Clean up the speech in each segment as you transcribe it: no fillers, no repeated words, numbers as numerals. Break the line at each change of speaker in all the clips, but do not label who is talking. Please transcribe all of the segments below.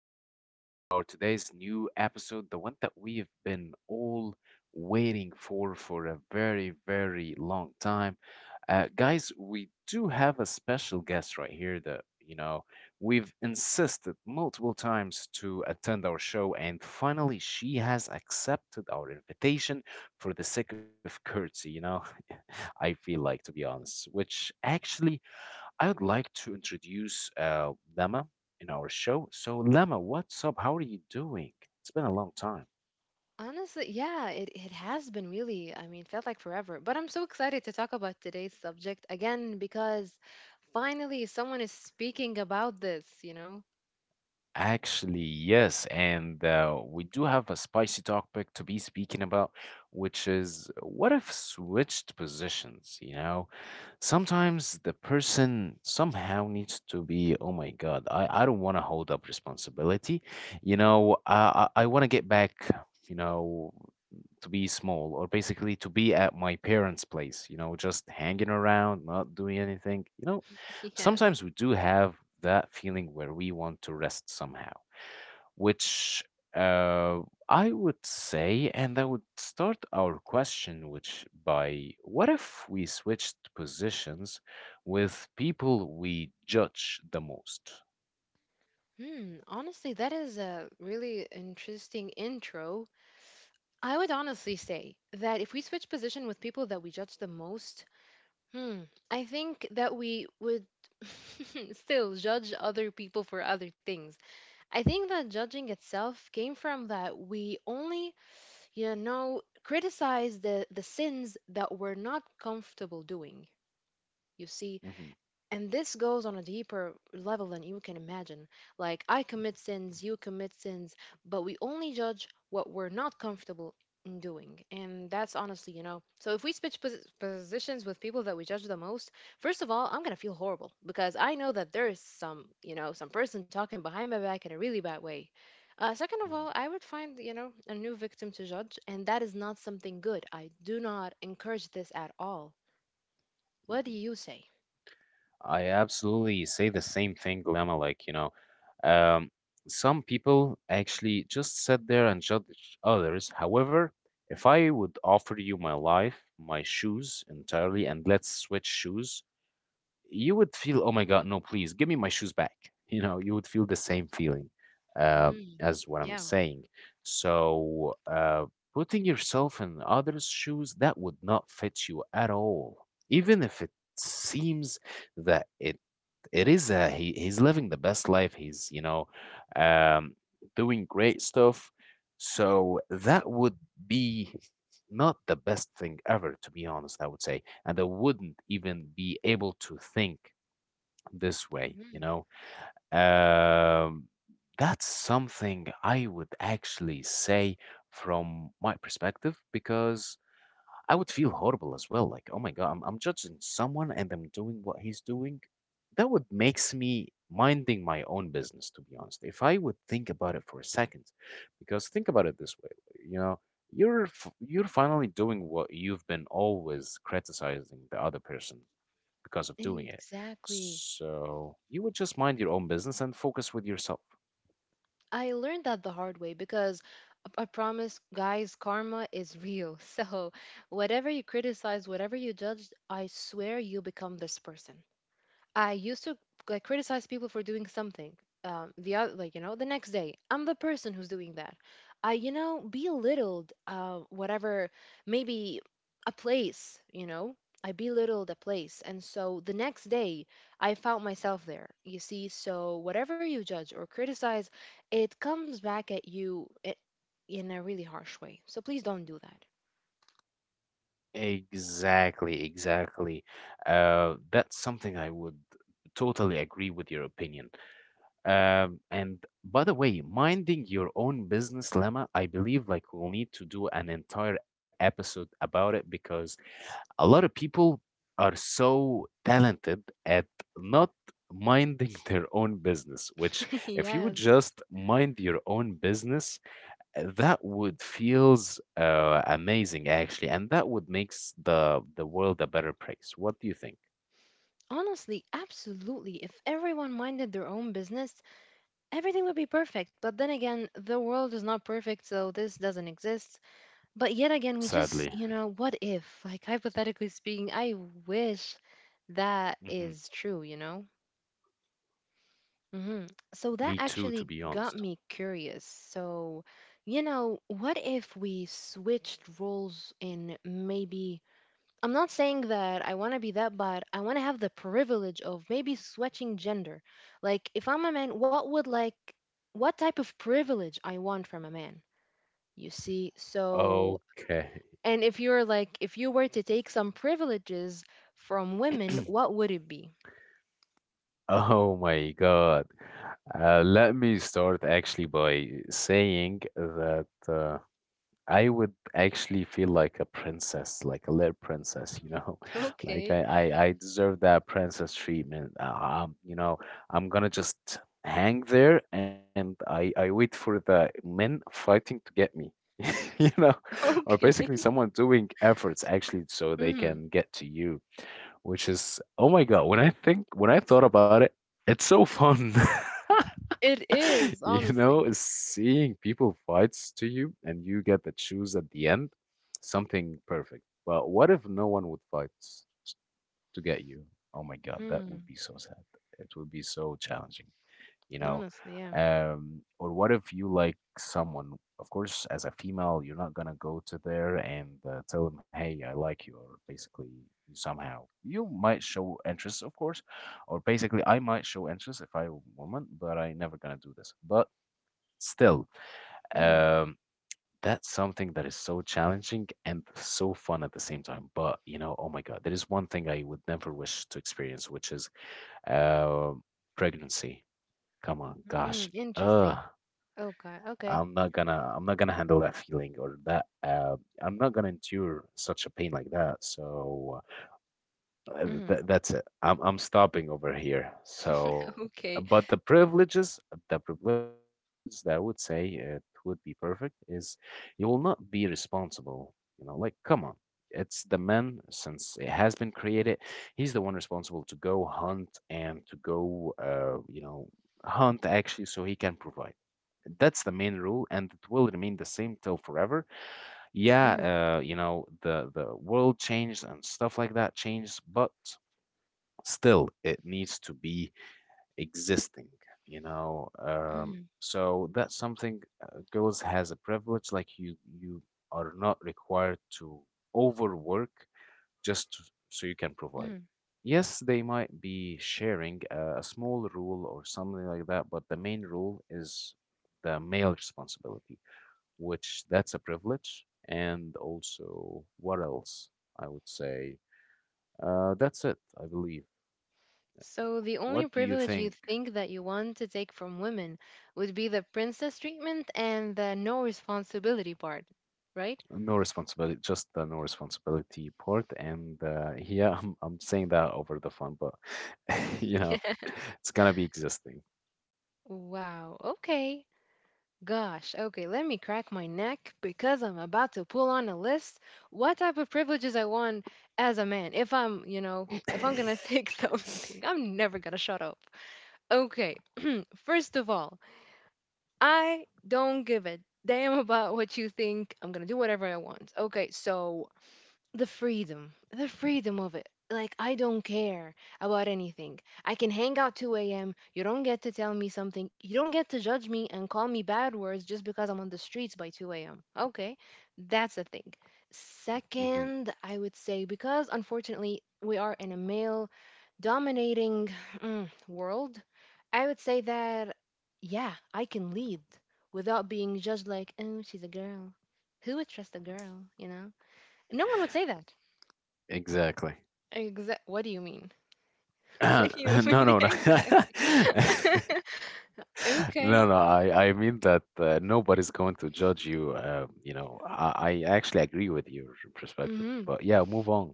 everybody, with our today's new episode, the one that we have been all waiting for a very, very long time. Guys, we do have a special guest right here that we've insisted multiple times to attend our show, and finally she has accepted our invitation for the sake of courtesy, I feel like, to be honest, which actually I would like to introduce Lama in our show. So, Lama, what's up? How are you doing? It's been a long time.
Honestly, yeah, it has been really, I mean, felt like forever. But I'm so excited to talk about today's subject again because finally someone is speaking about this, you know?
Actually, yes, and we do have a spicy topic to be speaking about, which is what if switched positions, you know? Sometimes the person somehow needs to be, oh my God, I don't want to hold up responsibility. I want to get back, you know, to be small or basically to be at my parents' place, just hanging around, not doing anything.
Yes.
Sometimes we do have that feeling where we want to rest somehow, which uh, I would say, and I would start our question, which by what if we switched positions with people we judge the most?
Hmm, honestly, that is a really interesting intro. I would honestly say that if we switch position with people that we judge the most, hmm, I think that we would still judge other people for other things. I think that judging itself came from that we only criticize the sins that we're not comfortable doing, you see,
Mhm,
and this goes on a deeper level than you can imagine. Like, I commit sins, you commit sins, but we only judge what we're not comfortable in doing. And that's honestly. So, if we switch positions with people that we judge the most, first of all, I'm going to feel horrible because I know that there is some, some person talking behind my back in a really bad way. Second of
mhm,
all, I would find, a new victim to judge, and that is not something good. I do not encourage this at all. What do
mhm.
you say?
I absolutely say the same thing, Lama. Like, um, some people actually just sit there and judge others. However, if I would offer you my life, my shoes entirely, and let's switch shoes, you would feel, oh my God, no, please give me my shoes back. You would feel the same feeling uh,
Hmm.
as what I'm
Yeah.
saying. So, putting yourself in others' shoes, that would not fit you at all, even if it seems that it is he's living the best life. He's, um, doing great stuff. So that would be not the best thing ever, to be honest, I would say. And I wouldn't even be able to think this way, you
Mm,
know. Um, that's something I would actually say from my perspective because I would feel horrible as well. Like, oh my God, I'm judging someone and I'm doing what he's doing. That would makes me minding my own business, to be honest. If I would think about it for a second, because think about it this way, you know, you're finally doing what you've been always criticizing the other person because of doing it.
exactly.
So you would just mind your own business and focus with yourself.
I learned that the hard way because I promise, guys, karma is real. So, whatever you criticize, whatever you judge, I swear you become this person. I used to like criticize people for doing something. The other, like, the next day, I'm the person who's doing that. I, belittled whatever, maybe a place. I belittled a place, and so the next day, I found myself there. You see, so whatever you judge or criticize, it comes back at you in a really harsh way. So please don't do that.
Exactly, exactly. That's something I would totally agree with your opinion. And by the way, minding your own business lemma, I believe like we'll need to do an entire episode about it because a lot of people are so talented at not minding their own business, which if you would
Yes.
just mind your own business, that would feels amazing actually, and that would makes the world a better place. What do you think?
Honestly, absolutely. If everyone minded their own business, everything would be perfect, but then again, the world is not perfect, so this doesn't exist. But yet again, we
Sadly,
just, what if? Like, hypothetically speaking, I wish that
hmm
is true, you know? Hmm. So that
me too, to
actually
be
got
honest.
me curious. So, what if we switched roles in maybe— I'm not saying that I want to be that, but I want to have the privilege of maybe switching gender. Like, if I'm a man, what type of privilege I want from a man? You see? So,
Okay.
and if you were to take some privileges from women, what would it be?
Oh my God. Let me start actually by saying that I would actually feel like a princess, like a little princess, like I,
Okay.
I, I deserve that princess treatment. Um, you know, I'm gonna just hang there and I wait for the men fighting to get me, you know, or basically
Okay.
someone doing efforts actually so they
Hmm.
can get to you, which is, oh my God, when I thought about it, it's so fun.
It is, honestly.
Is seeing people fights to you and you get the choose at the end, something perfect. But what if no one would fight to get you? Oh my God, that would
Hmm.
be so sad. It would be so challenging you know
Honestly, yeah.
or what if you like someone? Of course as a female, you're not gonna go to there and tell them, hey, I like you. Or basically you somehow you might show interest, of course, or basically I might show interest if I a woman, but I never gonna do this. But still,
Hmm.
um that's something that is so challenging and so fun at the same time. But oh my God, there is one thing I would never wish to experience, which is uh, pregnancy. Come on, gosh.
Mm.
Ugh,
Interesting. Okay. Okay.
I'm not gonna handle that feeling, or that, I'm not gonna endure such a pain like that. So
Hmm.
that's it. I'm stopping over here. So,
Okay.
but the privileges that I would say it would be perfect is, you will not be responsible. You know, like come on, it's the man since it has been created. He's the one responsible to go hunt and to go, hunt actually, so he can provide. That's the main rule, and it will remain the same till forever,
Hmm.
yeah, the world changed and stuff like that changed, but still it needs to be existing,
Hmm.
so that's something, girls has a privilege, like you are not required to overwork just to- so you can provide. Yes, they might be sharing a small rule or something like that, but the main rule is the male responsibility, which that's a privilege. And also what else I would say, that's it, I believe.
So, the only
What do you
privilege you
think?
think that you want to take from women would be the princess treatment and the no responsibility part, right?
No responsibility, just the no responsibility Port. And yeah, I'm saying that over the phone, but you know,
Yeah.
it's gonna be existing.
Wow. Okay. Gosh. Okay, let me crack my neck because I'm about to pull on a list what type of privileges I want as a man if I'm gonna take something. I'm never gonna shut up. Okay. First of all, I don't give a damn about what you think. I'm gonna do whatever I want. Okay, so the freedom of it. Like, I don't care about anything. I can hang out 2 a.m. You don't get to tell me something, you don't get to judge me and call me bad words just because I'm on the streets by 2 a.m. Okay, that's a thing.
Hmm.
Second, I would say, because unfortunately we are in a male dominating, world, I would say that, yeah, I can lead without being judged, like, oh, she's a girl, who would trust a girl, no one would say that.
Exactly.
Exact. What do you mean?
No,
What do you
no, no.
mean exact?
No,
Okay.
no. I mean that nobody's going to judge you. I actually agree with your perspective.
Hmm.
But yeah, move on.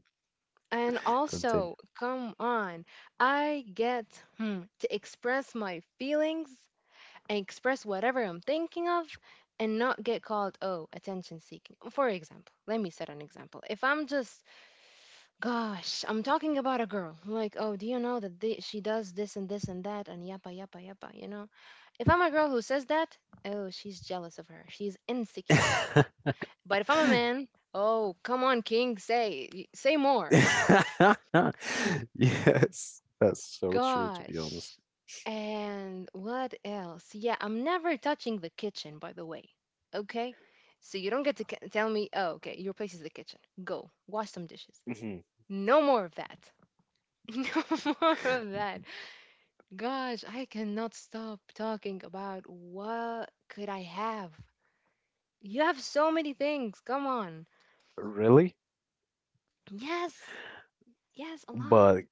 And
Continue.
also, come on, I get, to express my feelings and express whatever I'm thinking of and not get called, oh, attention seeking. For example, let me set an example. If I'm just, gosh, I'm talking about a girl, like, oh, do you know that she does this and this and that and yappa, yappa, yappa, you know? If I'm a girl who says that, oh, she's jealous of her, she's insecure. But if I'm a man, oh, come on, King, say say more.
Yes, that's so true. To be honest.
Gosh. And what else? Yeah, I'm never touching the kitchen, by the way. Okay? So you don't get to tell me, oh, okay, your place is the kitchen, go wash some dishes.
Mhm.
No more of that. No more of that. Gosh, I cannot stop talking about what could I have. You have so many things. Come on.
Really?
Yes. Yes, a lot.
But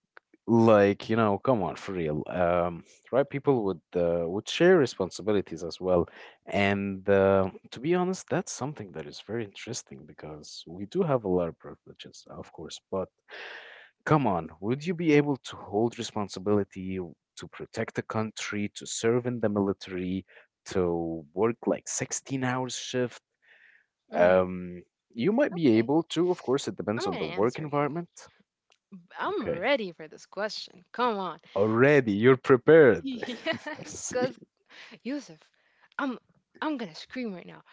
like come on, for real, right, people would share responsibilities as well. And to be honest, that's something that is very interesting because we do have a lot of privileges, of course. But come on, would you be able to hold responsibility, to protect the country, to serve in the military, to work like 16 hours shift?
Mhm.
um you might be
Okay.
able to, of course it depends
I'm
on
gonna
the work
answer you.
environment.
I'm
Okay,
ready for this question. Come on.
already, you're prepared.
Yes,
I see.
cause Yusuf, I'm I'm gonna scream right now.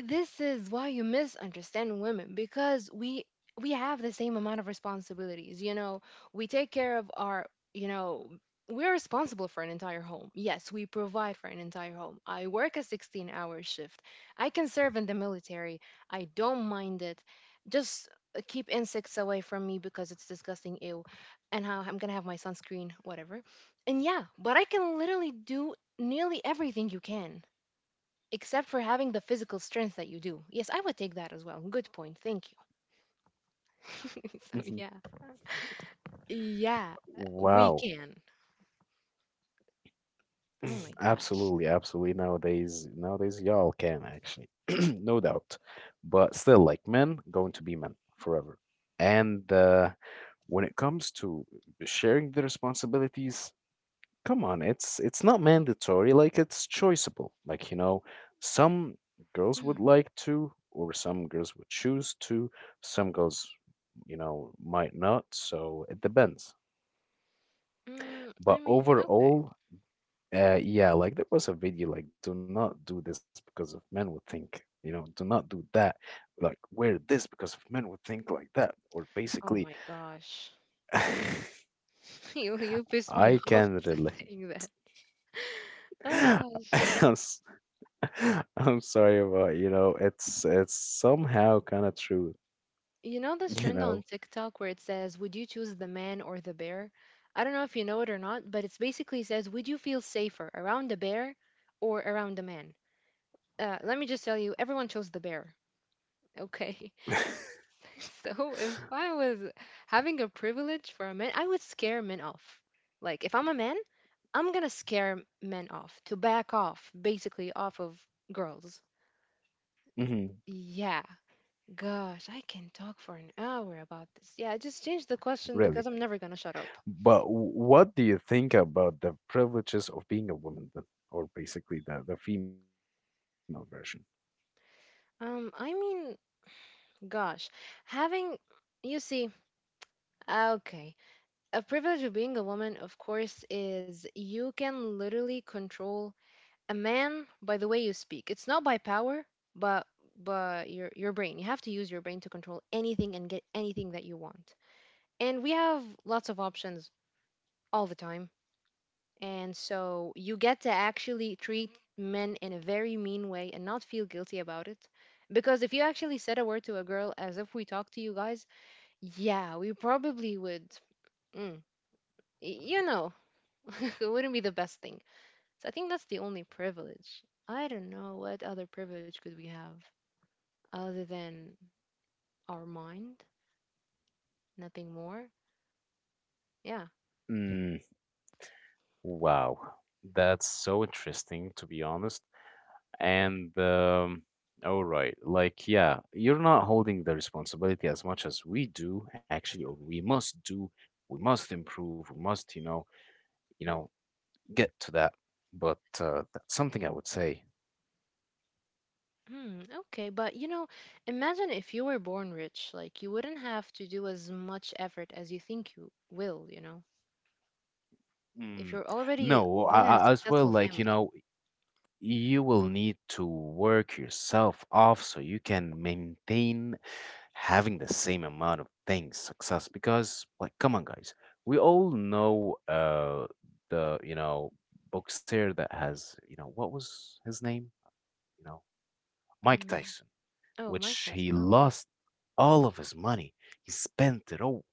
This is why you misunderstand women, because we have the same amount of responsibilities, we take care of our, you know we're responsible for an entire home. Yes, we provide for an entire home. I work a 16-hour shift, I can serve in the military, I don't mind it. Just keep insects away from me because it's disgusting, ew. And how I'm gonna have my sunscreen, whatever. And yeah, but I can literally do nearly everything you can, except for having the physical strength that you do. Yes, I would take that as well. Good point. Thank you. So
Mhm.
yeah, yeah, we
Wow.
can. Oh my gosh.
Absolutely, absolutely. Nowadays, y'all can actually, no doubt. But still, like men, going to be men forever. And when it comes to sharing the responsibilities, come on, it's not mandatory, like it's choiceable. Like, some girls would
Mm.
like to, or some girls would choose to, some girls, might not, so it depends.
Mm,
But
I mean, okay.
overall, yeah, like there was a video like, do not do this because of men would think, do not do that. Like, wear this because of men would think like that. Or
Oh
basically
my gosh, you pissed me
I
off
can relate.
saying that. Oh gosh.
I'm I'm sorry about, it's somehow kind of true,
You know this
you
trend on
know.
TikTok where it says, would you choose the man or the bear? I don't know if you know it or not, but it's basically says, would you feel safer around a bear or around a man? Let me just tell you, everyone chose the bear. Okay. So if I was having a privilege for a man, I would scare men off. Like, if I'm a man, I'm gonna scare men off to back off, basically off of girls.
Hmm.
Yeah, gosh, I can talk for an hour about this. Yeah, just change the question
Really.
because I'm never gonna shut up.
But what do you think about the privileges of being a woman then, or basically the female version?
I mean, gosh, having, you see, okay, a privilege of being a woman, of course, is you can literally control a man by the way you speak. It's not by power, but your brain. You have to use your brain to control anything and get anything that you want. And we have lots of options all the time. And so you get to actually treat men in a very mean way and not feel guilty about it. Because if you actually said a word to a girl as if we talk to you guys, yeah, we probably would, mm, y- you know, it wouldn't be the best thing. So I think that's the only privilege. I don't know what other privilege could we have, other than our mind, nothing more. Yeah.
Mm, wow, that's so interesting to be honest. And all right, like yeah, you're not holding the responsibility as much as we do actually, or we must do. We must improve. We must, you know, get to that, but that's something I would say.
Hmm, okay, but imagine if you were born rich, like you wouldn't have to do as much effort as you will. If
Mm,
you're already
no, I,
born in a
I, as well,
successful
like,
family.
you will need to work yourself off so you can maintain having the same amount of things, success, because, like, come on, guys, we all know, the, boxer that has, what was his name? You know, Mike
Mm.
Tyson,
Oh, Mike
which
Tyson.
he
Okay.
lost all of his money. He spent it all.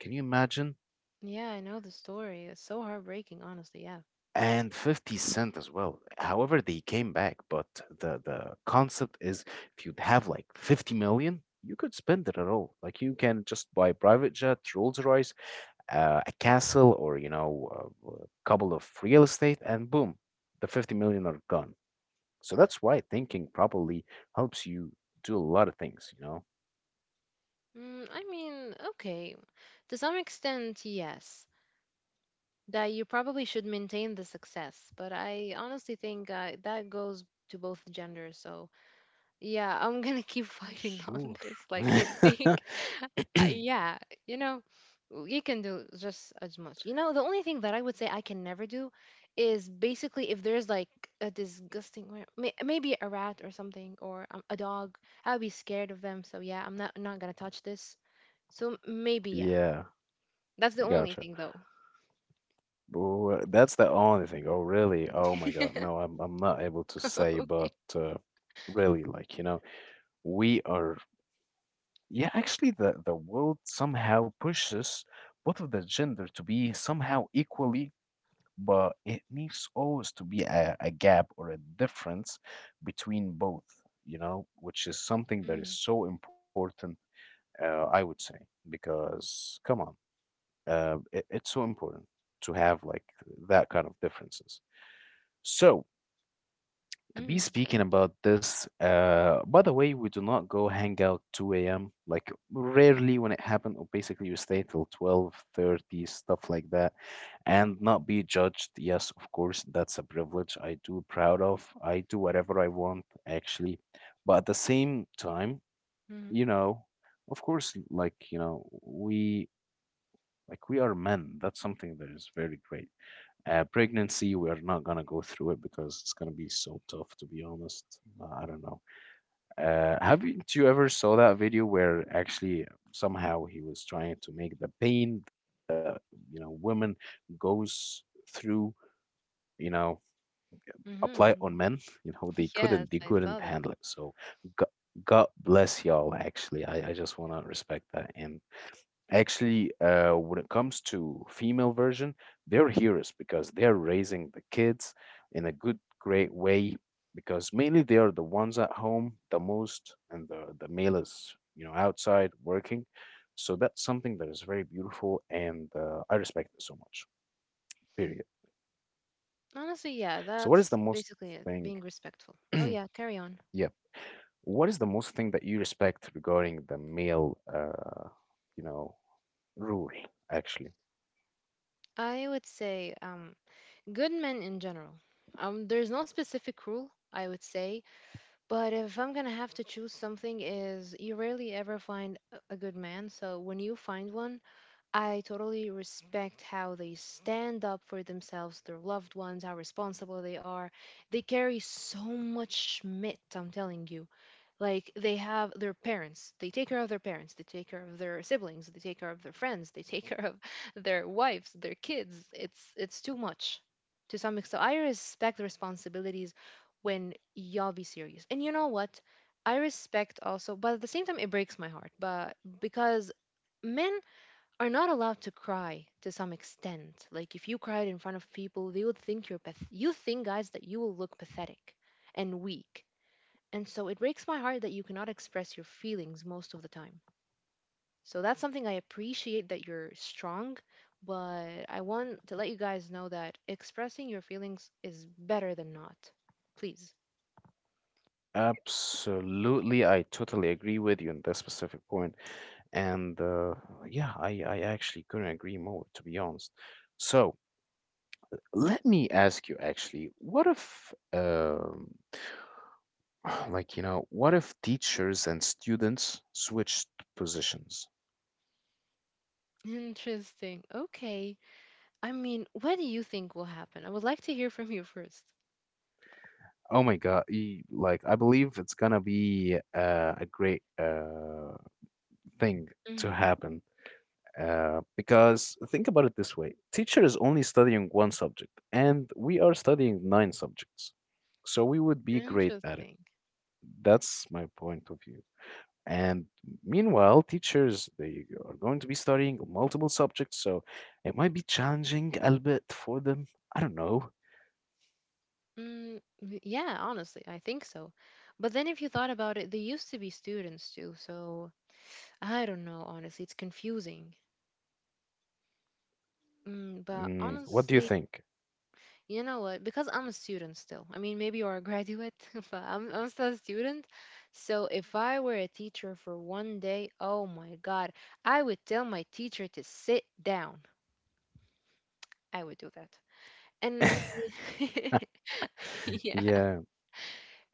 Can you imagine?
Yeah, I know the story. It's so heartbreaking, honestly. Yeah.
And 50 Cent as well, however they came back. But the concept is, if you'd have like 50 million, you could spend it at all. Like, you can just buy private jet, rolls royce, a castle, or a couple of real estate, and boom, the 50 million are gone. So that's why thinking probably helps you do a lot of things.
Mm, I mean, okay. To some extent, yes. That you probably should maintain the success, but I honestly think that goes to both genders. So yeah, I'm gonna keep fighting on
Sure.
this. Like, I think, yeah, you know, you can do just as much. You know, the only thing that I would say I can never do is basically if there's like a disgusting, maybe a rat or something, or a dog, I'll be scared of them. So yeah, I'm not gonna touch this. So maybe, yeah,
Yeah.
that's the only
Gotcha.
thing though.
Well, that's the only thing. Oh, really? Oh my God. No, I'm not able to say, but really, like, we are, yeah, actually the world somehow pushes both of the gender to be somehow equally, but it needs always to be a gap or a difference between both, which is something that
Mm-hmm.
is so important, I would say, because come on, it's so important to have like that kind of differences. So, to be speaking about this, by the way, we do not go hang out 2 a.m. Like rarely when it happens, or basically you stay till 12:30, stuff like that, and not be judged. Yes, of course, that's a privilege I do proud of. I do whatever I want, actually. But at the same time,
Mm-hmm.
you know, of course, like, we like we are men. That's something that is very great. Pregnancy, we're not gonna go through it because it's gonna be so tough, to be honest. I don't know. Haven't you ever saw that video where actually somehow he was trying to make the pain that women goes through, you know,
Mm,
apply
mm,
on men?
mm.
They couldn't, they
Yes, I
couldn't
saw that.
handle it. So, God, God bless y'all. Actually, I just wanna respect that. And actually, when it comes to female version, they're heroes because they're raising the kids in a good, great way. Because mainly they are the ones at home the most, and the male is outside working. So that's something that is very beautiful, and I respect it so much. Period.
Honestly, yeah,
So what is the
that's
most
basically it,
thing?
being respectful. Oh yeah, carry on.
Yeah, what is the most thing that you respect regarding the male, you know, rule actually?
I would say good men in general. There's no specific rule, I would say, but if I'm going to have to choose something, is you rarely ever find a good man, so when you find one, I totally respect how they stand up for themselves, their loved ones, how responsible they are. They carry so much schmidt, I'm telling you. Like they have their parents, they take care of their parents, they take care of their siblings, they take care of their friends, they take care of their wives, their kids. It's too much. To some extent, I respect the responsibilities when y'all be serious, and you know what, I respect also. But at the same time, it breaks my heart. But because men are not allowed to cry to some extent, like if you cried in front of people, they would think you're you think, guys, that you will look pathetic and weak. And so it breaks my heart that you cannot express your feelings most of the time. So that's something I appreciate, that you're strong, but I want to let you guys know that expressing your feelings is better than not. Please.
Absolutely, I totally agree with you on that specific point. And yeah, I actually couldn't agree more, to be honest. So let me ask you actually, what if, like, what if teachers and students switched positions?
Interesting. Okay. I mean, what do you think will happen? I would like to hear from you first.
Oh my God, like, I believe it's gonna be a great thing to
Mm,
happen. Because think about it this way, teacher is only studying one subject, and we are studying nine subjects. So we would be great at it.
interesting.
That's my point of view. And meanwhile, teachers, they are going to be studying multiple subjects, so it might be challenging a bit for them. I don't know.
Mm, yeah, honestly, I think so. But then if you thought about it, they used to be students too, so I don't know, honestly, it's confusing. Mm, but
What do you
honestly,
think?
you know what? Because I'm a student still. I mean, maybe you're a graduate, but I'm still a student. So if I were a teacher for one day, oh my God, I would tell my teacher to sit down. I would do that. And yeah.
Yeah.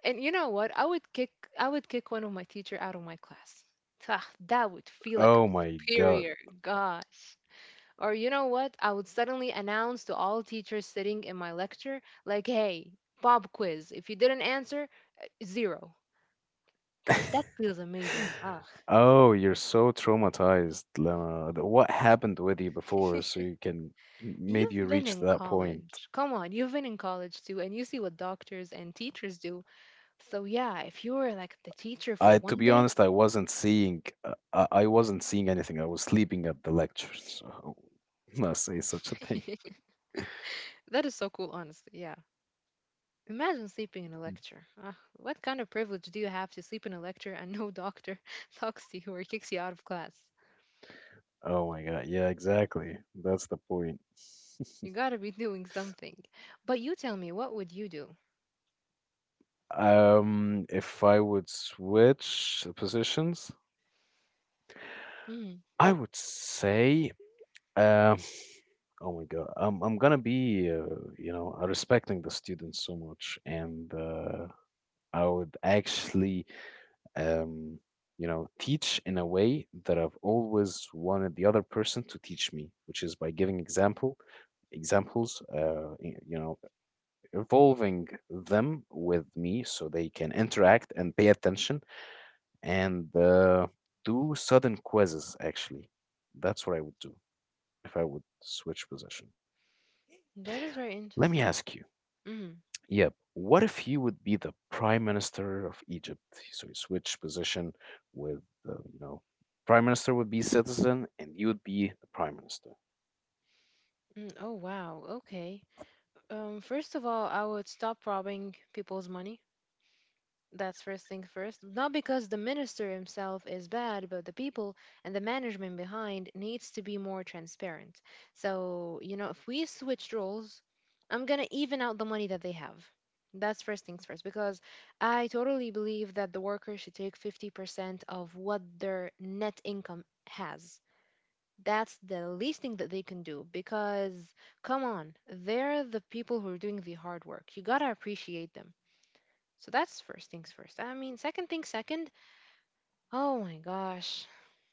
And you know what? I would kick one of my teacher out of my class. Ah, that would feel like I'm
Oh my God.
superior. Gosh. Or you know what? I would suddenly announce to all teachers sitting in my lecture, like, hey, pop quiz. If you didn't answer, zero. Gosh, that feels amazing. Ugh.
Oh, you're so traumatized, Lama. What happened with you before so you can made you
You've been
reach
in
that point?
college. Come on, you've been in college too, and you see what doctors and teachers do. So yeah, if you were like the
To
teacher
be
for
honest, I
one day,
wasn't seeing, uh, I, I wasn't seeing anything. I was sleeping at the lecture, so I would not say such a thing.
that is so cool, honestly. Yeah. Imagine sleeping in a
Mm.
lecture. Ugh, what kind of privilege do you have to sleep in a lecture and no doctor talks to you or kicks you out of class?
Oh my God. Yeah, exactly. That's the point.
You gotta be doing something. But you tell me, what would you do?
If I would switch the positions,
Mm,
I would say, uh, oh my God, I'm gonna be, respecting the students so much, and I would actually, um, teach in a way that I've always wanted the other person to teach me, which is by giving examples, involving them with me so they can interact and pay attention, and do sudden quizzes, actually. That's what I would do if I would switch position.
that is very
Let me
interesting.
ask you.
Mm,
Yep. What if you would be the prime minister of Egypt? So you switch position with, uh, you know, prime minister would be citizen, and you would be the prime minister.
mm, oh wow, okay. First of all, I would stop robbing people's money. That's first thing first. Not because the minister himself is bad, but the people and the management behind needs to be more transparent. So, you know, if we switched roles, I'm going to even out the money that they have. That's first things first, because I totally believe that the worker should take 50% of what their net income has. That's the least thing that they can do because, come on, they're the people who are doing the hard work. You gotta appreciate them. So that's first things first. I mean, second thing second, oh my gosh,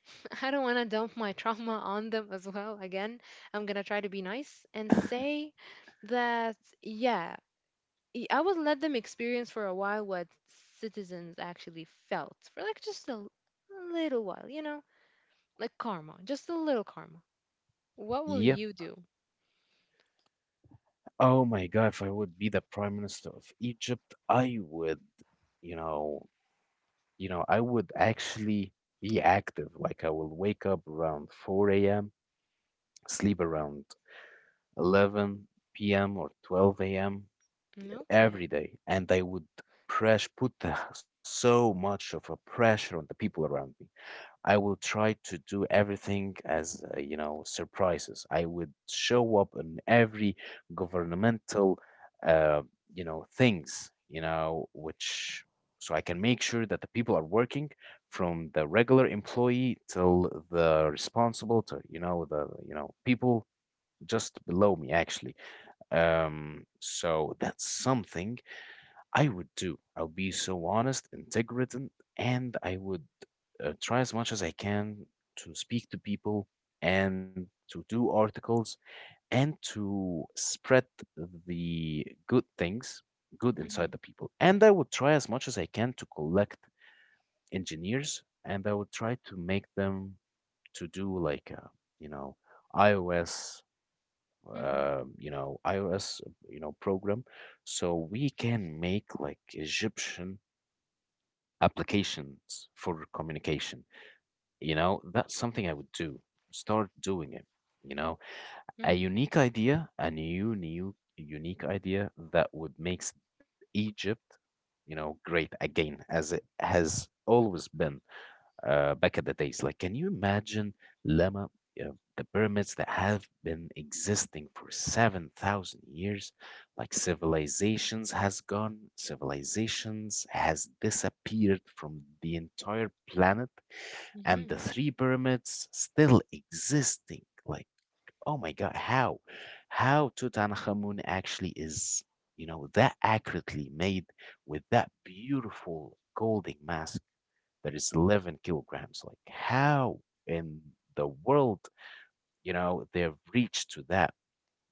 I don't want to dump my trauma on them as well. Again, I'm going to try to be nice and say that, yeah, I would let them experience for a while what citizens actually felt for like just a little while, you know, like karma, just a little karma. What will
Yep.
you do?
Oh my God, if I would be the prime minister of Egypt, I would, you know, you know, I would actually be active. Like I will wake up around 4 a.m., sleep around 11 p.m. or 12 a.m.
Mm, okay.
every day, and I would press put the, so much of a pressure on the people around me. I will try to do everything as, surprises. I would show up in every governmental, uh, things, which so I can make sure that the people are working, from the regular employee till the responsible to, the, people just below me actually. So that's something I would do. I'll be so honest, integrated, and I would try as much as I can to speak to people and to do articles and to spread the good things, good inside
Mm-hmm.
the people. And I would try as much as I can to collect engineers, and I would try to make them to do like, you know, iOS.
Mm-hmm.
You know, iOS, program, so we can make like Egyptian applications for communication. You know, that's something I would do. Start doing it. You know, a
Mm-hmm.
unique idea, a unique idea that would make Egypt, great again, as it has always been back in the days. Like, can you imagine, Lama, uh, the pyramids that have been existing for 7,000 years? Like, civilizations has gone, civilizations has disappeared from the entire planet, and
Mm-hmm.
the three pyramids still existing. Like, oh my God, how? How Tutankhamun actually is, that accurately made, with that beautiful golden mask that is 11 kilograms. Like, how in the world, they've reached to that?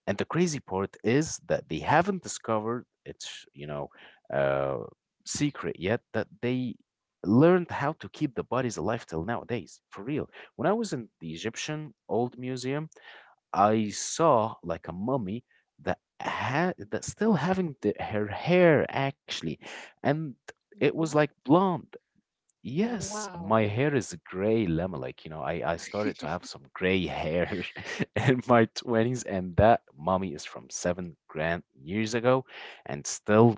And the crazy part is that they haven't discovered its, uh, secret yet, that they learned how to keep the bodies alive till nowadays. For real. When I was in the Egyptian old museum, I saw like a mummy that had, that still having the, her hair actually, and it was like
What?
blonde. Yes,
Wow.
my hair is gray lemon. Like, I started to have some gray hair in my 20s, and that mommy is from 7 grand years ago, and still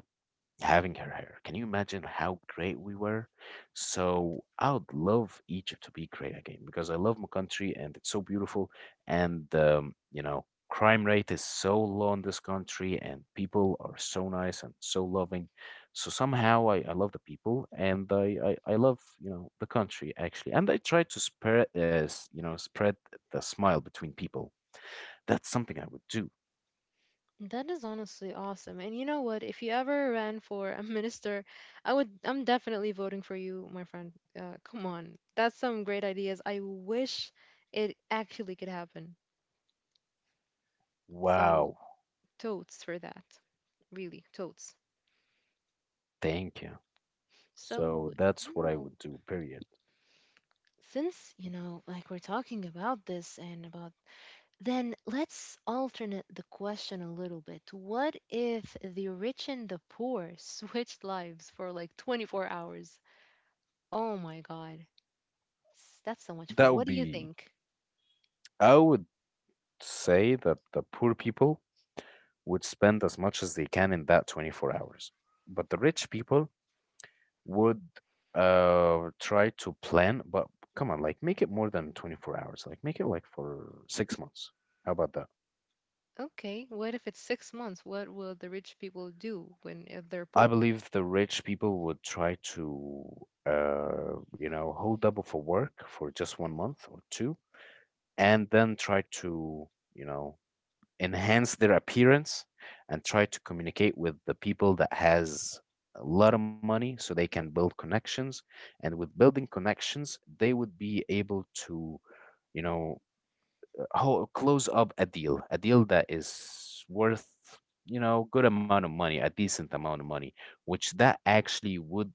having her hair. Can you imagine how great we were? So I would love Egypt to be great again, because I love my country and it's so beautiful. And, crime rate is so low in this country, and people are so nice and so loving. So somehow I love the people, and I love, the country actually. And I try to spread, spread the smile between people. That's something I would do.
That is honestly awesome. And you know what? If you ever ran for a minister, I'm definitely voting for you, my friend. Come on. That's some great ideas. I wish it actually could happen. So,
Wow.
totes for that. Really, totes.
Thank you. So
So,
that's what I
you
would
know,
do, period.
since, you know, like we're talking about this and about then let's alternate the question a little bit. What if the rich and the poor switched lives for like 24 hours? Oh my God. That's so much fun.
That
What
would
do you
be,
think?
I would say that the poor people would spend as much as they can in that 24 hours, but the rich people would try to plan, but come on, like make it more than 24 hours, like make it like for 6 months. How about that?
Okay, what if it's 6 months? What will the rich people do when if they're
I
poor?
believe the rich people would try to, hold up for work for just one month or two, and then try to, you know, enhance their appearance, and try to communicate with the people that has a lot of money, so they can build connections. And with building connections, they would be able to, you know, close up a deal that is worth, good amount of money, a decent amount of money, which that actually would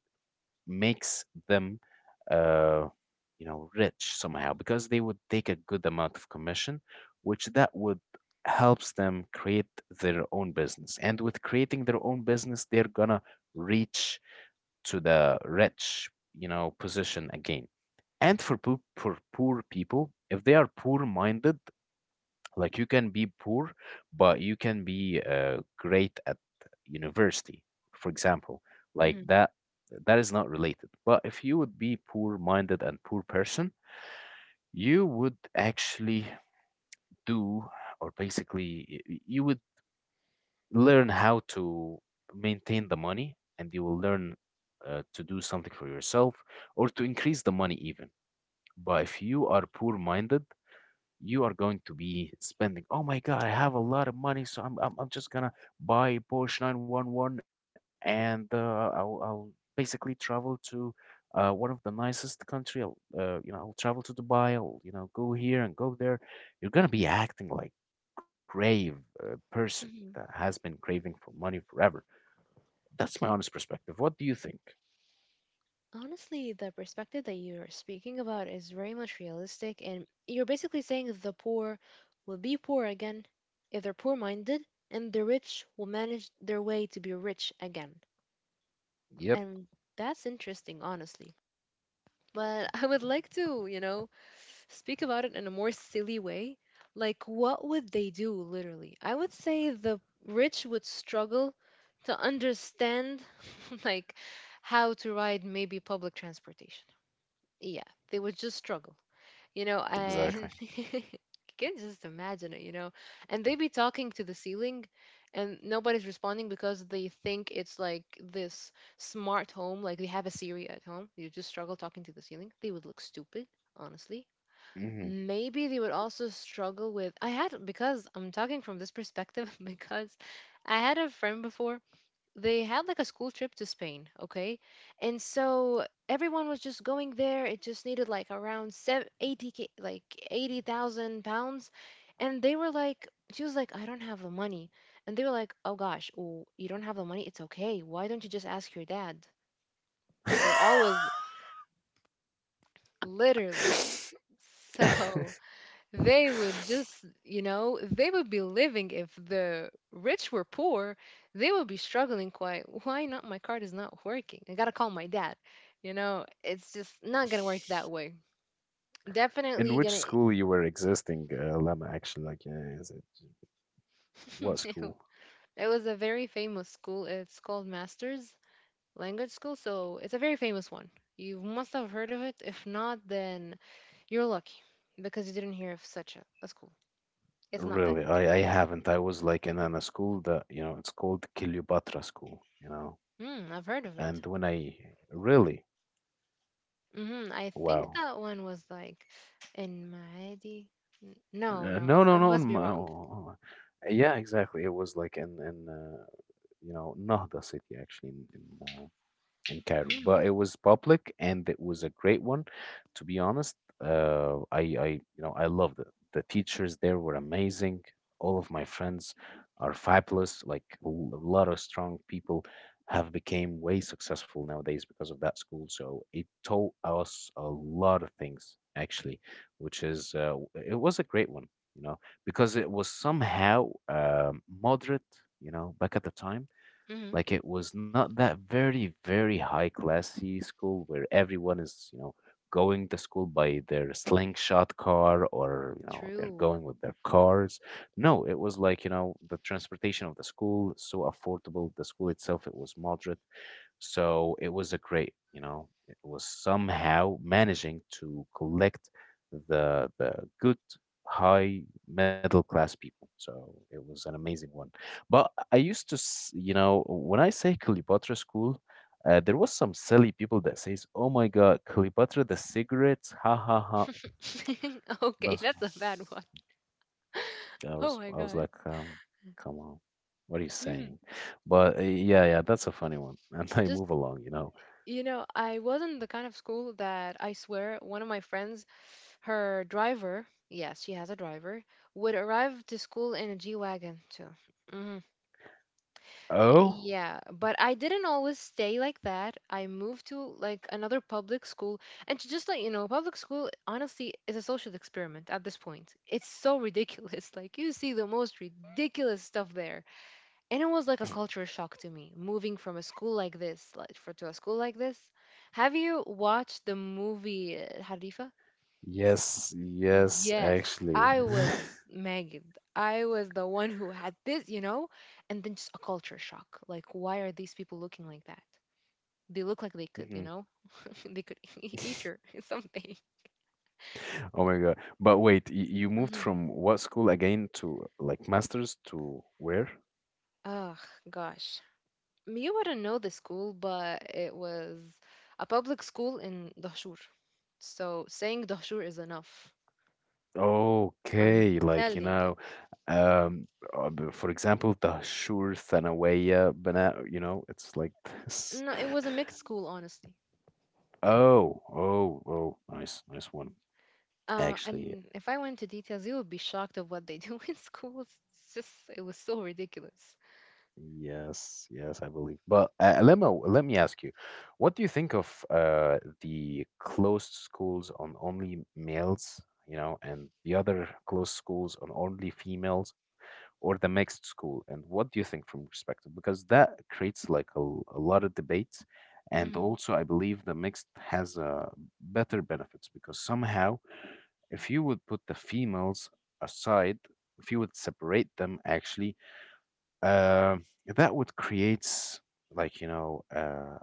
makes them uh, rich somehow, because they would take a good amount of commission, which that would helps them create their own business, and with creating their own business they're gonna reach to the rich, position again. And for for poor people, if they are poor minded, like you can be poor, but you can be great at university, for example. Like
Hmm.
that, that is not related. But if you would be poor-minded and poor person, you would actually do, or basically, you would learn how to maintain the money, and you will learn to do something for yourself, or to increase the money even. But if you are poor-minded, you are going to be spending. Oh my God, I have a lot of money, so I'm just gonna buy a Porsche 911 and I'll basically travel to one of the nicest country. I'll I'll travel to Dubai. I'll go here and go there. You're gonna be acting like grave person that
Hmm.
has been craving for money forever. That's my honest perspective. What do you think?
Honestly, the perspective that you're speaking about is very much realistic, and you're basically saying the poor will be poor again if they're poor minded, and the rich will manage their way to be rich again.
Yep,
And that's interesting, honestly. But I would like to, you know, speak about it in a more silly way, like what would they do literally? I would say the rich would struggle to understand like how to ride maybe public transportation. Yeah, they would just struggle. You know, and
exactly.
you can just imagine it, you know. And they be talking to the ceiling and nobody's responding because they think it's like this smart home, like they have a Siri at home. You just struggle talking to the ceiling. They would look stupid, honestly.
Hmm.
Maybe they would also struggle with. I had, because I'm talking from this perspective, because I had a friend before. They had like a school trip to Spain, okay, and so everyone was just going there. It just needed like around 70, 80 like 80,000 pounds, and they were like, she was like, I don't have the money. And they were like, oh gosh, oh, you don't have the money, it's okay, why don't you just ask your dad. They're always, literally. So they would just, you know, they would be living. If the rich were poor, they would be struggling quite. Why not? My card is not working. I gotta call my dad. You know, it's just not gonna work that way.
In
Definitely
which
gonna.
school you were existing, Lama, actually, like, is it what school?
It was a very famous school. It's called Masters Language School, so it's a very famous one. You must have heard of it. If not, then you're lucky, because you didn't hear of such a school. It's not that
Really,
good.
I haven't. I was like in, a school that, it's called Kilubatra School.
Mm, I've heard of it.
And when I really,
Hmm. I think
wow.
that one was like in Maadi. No, no,
No,
I,
no,
I
no. in
must be
my-
wrong.
oh, oh, yeah, exactly. It was like in, Nahda city, actually, in, in Cairo,
Mm,
but it was public and it was a great one. To be honest, uh, I, I, I loved it. The teachers there were amazing. All of my friends are fabulous. Like a lot of strong people have became way successful nowadays because of that school. So it taught us a lot of things actually, which is it was a great one, you know, because it was somehow moderate, back at the time,
hmm.
like it was not that very, very high classy school where everyone is, going to school by their slingshot car or, they're
True.
going with their cars. No, it was like, you know, the transportation of the school so affordable. The school itself, it was moderate, so it was a great, you know, it was somehow managing to collect the good high middle class people. So it was an amazing one. But I used to, you know, when I say Cleopatra school, there was some silly people that says, "Oh my God, Cleopatra the cigarettes, ha ha ha."
Okay,
That's
that's a bad one.
I
Oh
was,
my
I was
god.
like, come on, what are you
Mhm.
saying? But yeah, yeah, that's a funny one. And I
Just,
move along, you know.
you know, I wasn't the kind of school that, I swear, one of my friends, her driver, yes, she has a driver, would arrive to school in a G wagon too. Mm-hmm.
Oh.
Yeah, but I didn't always stay like that. I moved to like another public school. And to just let you know, public school honestly is a social experiment at this point. It's so ridiculous. Like you see the most ridiculous stuff there. And it was like a culture shock to me, moving from a school like this, like, for, to a school like this. Have you watched the movie Harifa?
Yes, yes,
Yes,
actually.
I was Magid. I was the one who had this, you know, and then just a culture shock. Like, why are these people looking like that? They look like they could, you
Mhm.
know, they could eat your something.
Oh my God. But wait, y you moved
Mhm.
from what school again to like master's to where?
Oh, gosh. You wouldn't know the school, but it was a public school in Dahshur. So saying Dahshur is enough. I'm
Okay, like, you
telling
know,
you.
um, for example, the Dahshur Thanawiya Bana, you know, it's like this.
No, it was a mixed school, honestly.
Oh, oh, oh, nice, nice one, actually.
And if I went to details, you would be shocked of what they do in schools. It's just, it was so ridiculous.
Yes, yes, I believe. But let me ask you, what do you think of the closed schools on only males, you know, and the other closed schools on only females, or the mixed school? And what do you think from perspective? Because that creates like a, a lot of debates, and
Mm,
also I believe the mixed has better benefits, because somehow, if you would put the females aside, if you would separate them actually, um, that would create like, you know,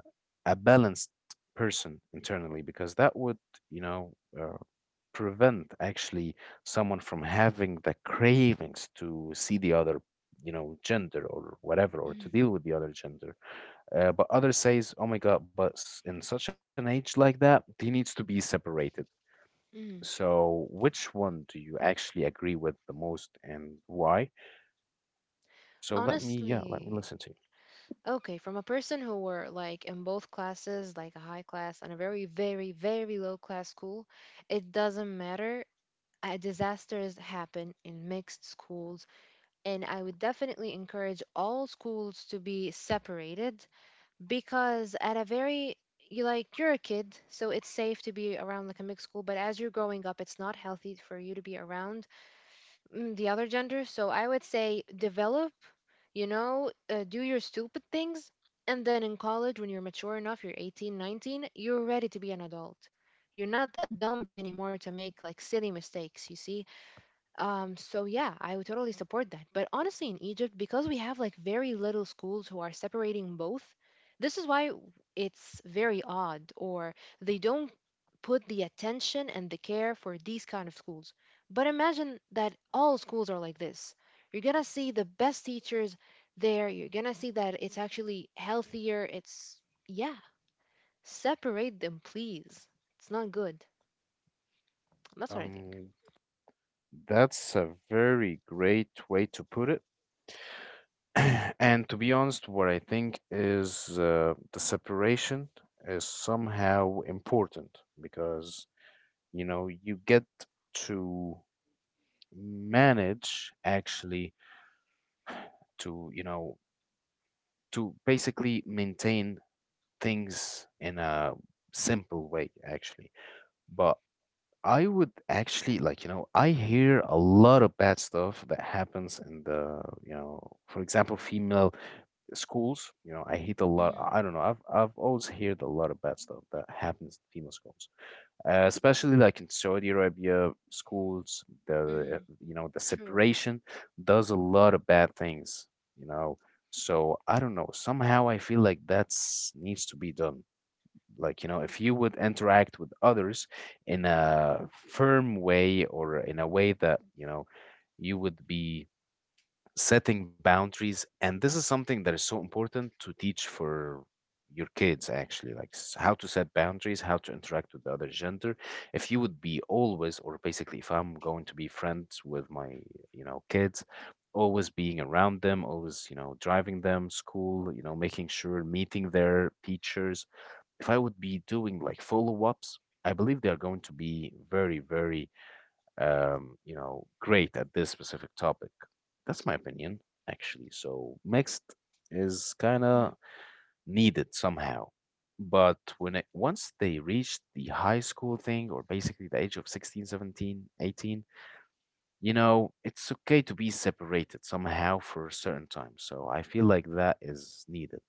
a balanced person internally, because that would, you know, uh, prevent actually someone from having the cravings to see the other, you know, gender or whatever, or to
mm,
deal with the other gender. But others says, oh my God, but in such an age like that they needs to be separated.
mm.
So which one do you actually agree with the most, and why? So let me, yeah,
Honestly,
let me listen to you.
okay, from a person who were like in both classes, like a high class and a very, very, very low class school, it doesn't matter. Disasters happen in mixed schools, and I would definitely encourage all schools to be separated, because at a very you like, you're a kid, so it's safe to be around like a mixed school, but as you're growing up, it's not healthy for you to be around the other gender. So I would say develop, you know, do your stupid things, and then in college, when you're mature enough, you're 18, 19, you're ready to be an adult, you're not that dumb anymore to make like silly mistakes, you see. So yeah, I would totally support that. But honestly, in Egypt, because we have like very little schools who are separating both, this is why it's very odd, or they don't put the attention and the care for these kind of schools. But imagine that all schools are like this. You're gonna see the best teachers there. You're gonna see that it's actually healthier. It's Yeah, separate them, please. It's not good. That's what I think.
Um, that's a very great way to put it. And to be honest, what I think is, the separation is somehow important because, you know, you get to manage actually to, you know, to basically maintain things in a simple way actually. But I would actually, like, you know, I hear a lot of bad stuff that happens in the, you know, for example, female schools. You know, I hate a lot,
Hmm.
I don't know, I've always heard a lot of bad stuff that happens in female schools, especially like in Saudi Arabia schools. The,
Hmm.
you know, the
True.
separation does a lot of bad things, you know. So I don't know. Somehow I feel like that's needs to be done. Like, you know, if you would interact with others in a firm way, or in a way that, you know, you would be setting boundaries, and this is something that is so important to teach for your kids actually, like how to set boundaries, how to interact with the other gender. If you would be always, or basically, if I'm going to be friends with my, you know, kids, always being around them, always, you know, driving them school, you know, making sure meeting their teachers, if I would be doing like follow-ups, I believe they are going to be very, very, you know, great at this specific topic. That's my opinion, actually. So mixed is kind of needed somehow. But when it once they reach the high school thing, or basically the age of 16, 17, 18, you know, it's okay to be separated somehow for a certain time. So I feel like that is needed.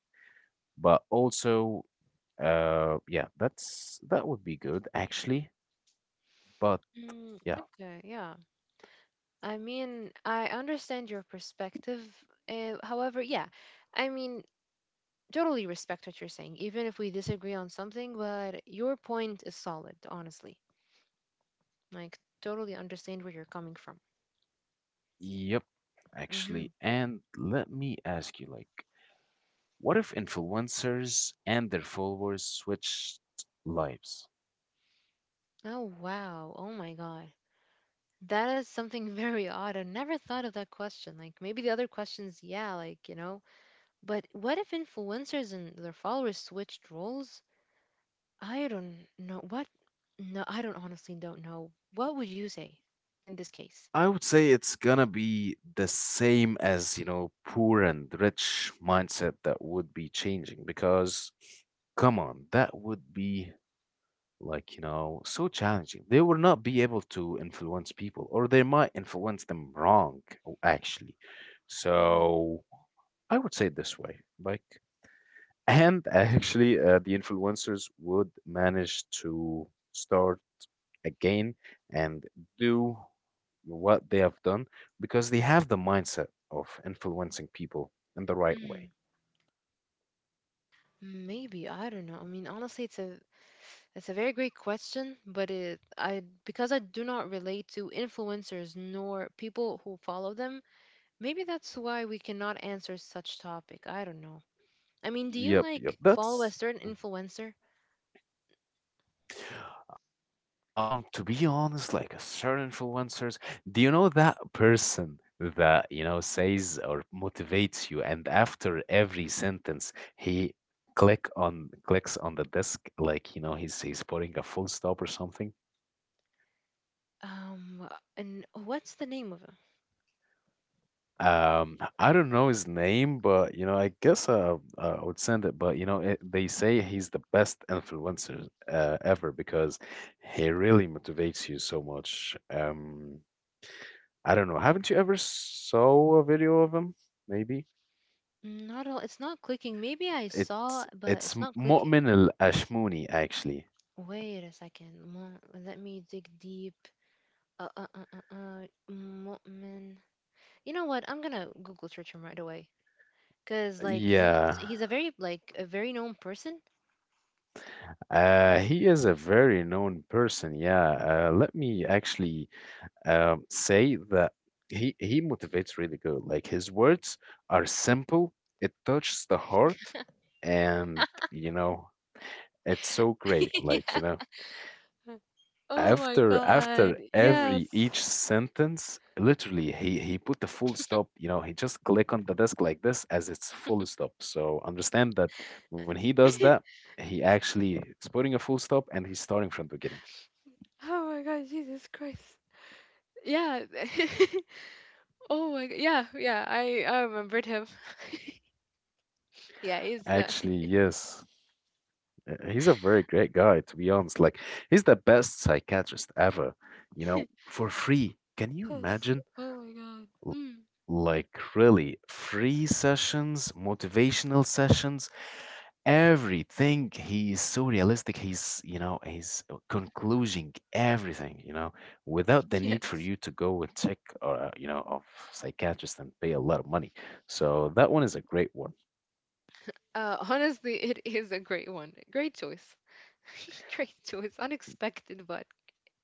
But also, yeah, that would be good actually. But
Mm,
yeah.
okay, yeah. I mean, I understand your perspective. However, yeah, I mean, totally respect what you're saying, even if we disagree on something, but your point is solid, honestly. Like, totally understand where you're coming from.
Yep, actually.
Mm-hmm.
And let me ask you, like, what if influencers and their followers switched lives?
Oh, wow. Oh my God. That is something very odd. I never thought of that question. Like, maybe the other questions, yeah, like, you know, but what if influencers and their followers switched roles? I don't know what. No, I don't honestly don't know. What would you say in this case?
I would say it's gonna be the same as, you know, poor and rich mindset that would be changing, because, come on, that would be like, you know, so challenging. They will not be able to influence people, or they might influence them wrong, actually.
Hmm.
So I would say it this way, like, and actually, the influencers would manage to start again and do what they have done, because they have the mindset of influencing people in the right
Hmm.
way.
Maybe I don't know. I mean, honestly, it's a very great question, but it I, because I do not relate to influencers nor people who follow them. Maybe that's why we cannot answer such topic. I don't know. I mean, do you
Yep, yep.
like follow a
That's
certain influencer?
To be honest, like a certain influencers, do you know that person that, you know, says or motivates you, and after every sentence he clicks on the desk, like, you know, he's putting a full stop or something.
Um, and what's the name of him?
I don't know his name, but you know, I guess I would send it. But you know, it, they say he's the best influencer ever, because he really motivates you so much. I don't know. Haven't you ever saw a video of him? Maybe
Not all. It's not clicking. Maybe I saw,
it's
but
it's
it's not clicking.
Mu'min al Ashmuni actually.
Wait a second. Let me dig deep. Mu'min. You know what? I'm gonna Google search him right away. Cause like you,
Yeah,
he's a very like a very known person.
he is a very known person. Yeah, let me actually, say that he motivates really good. Like his words are simple. It touches the heart, and you know, it's so great. Like,
Yeah.
you know.
Oh my
After after
God. Yes.
every each sentence literally he put a full stop, you know, he just click on the desk like this as its full stop, so understand that when he does that, he actually is putting a full stop, and he's starting from the beginning.
Oh my God, Jesus Christ. Yeah. Oh my God. Yeah, yeah. I remembered him. Yeah, he's.
Actually, yes. He's a very great guy, to be honest, like he's the best psychiatrist ever, you
Yes.
know, for free. Can you imagine?
Oh my God.
L-
Mm,
like really free sessions, motivational sessions, everything. He's so realistic, he's, you know, he's concluding everything, you know, without the need for
yes.
you to go and check, or you know, of psychiatrist and pay a lot of money. So that one is a great one.
Honestly, it is a great one. Great choice. Great choice. Unexpected, but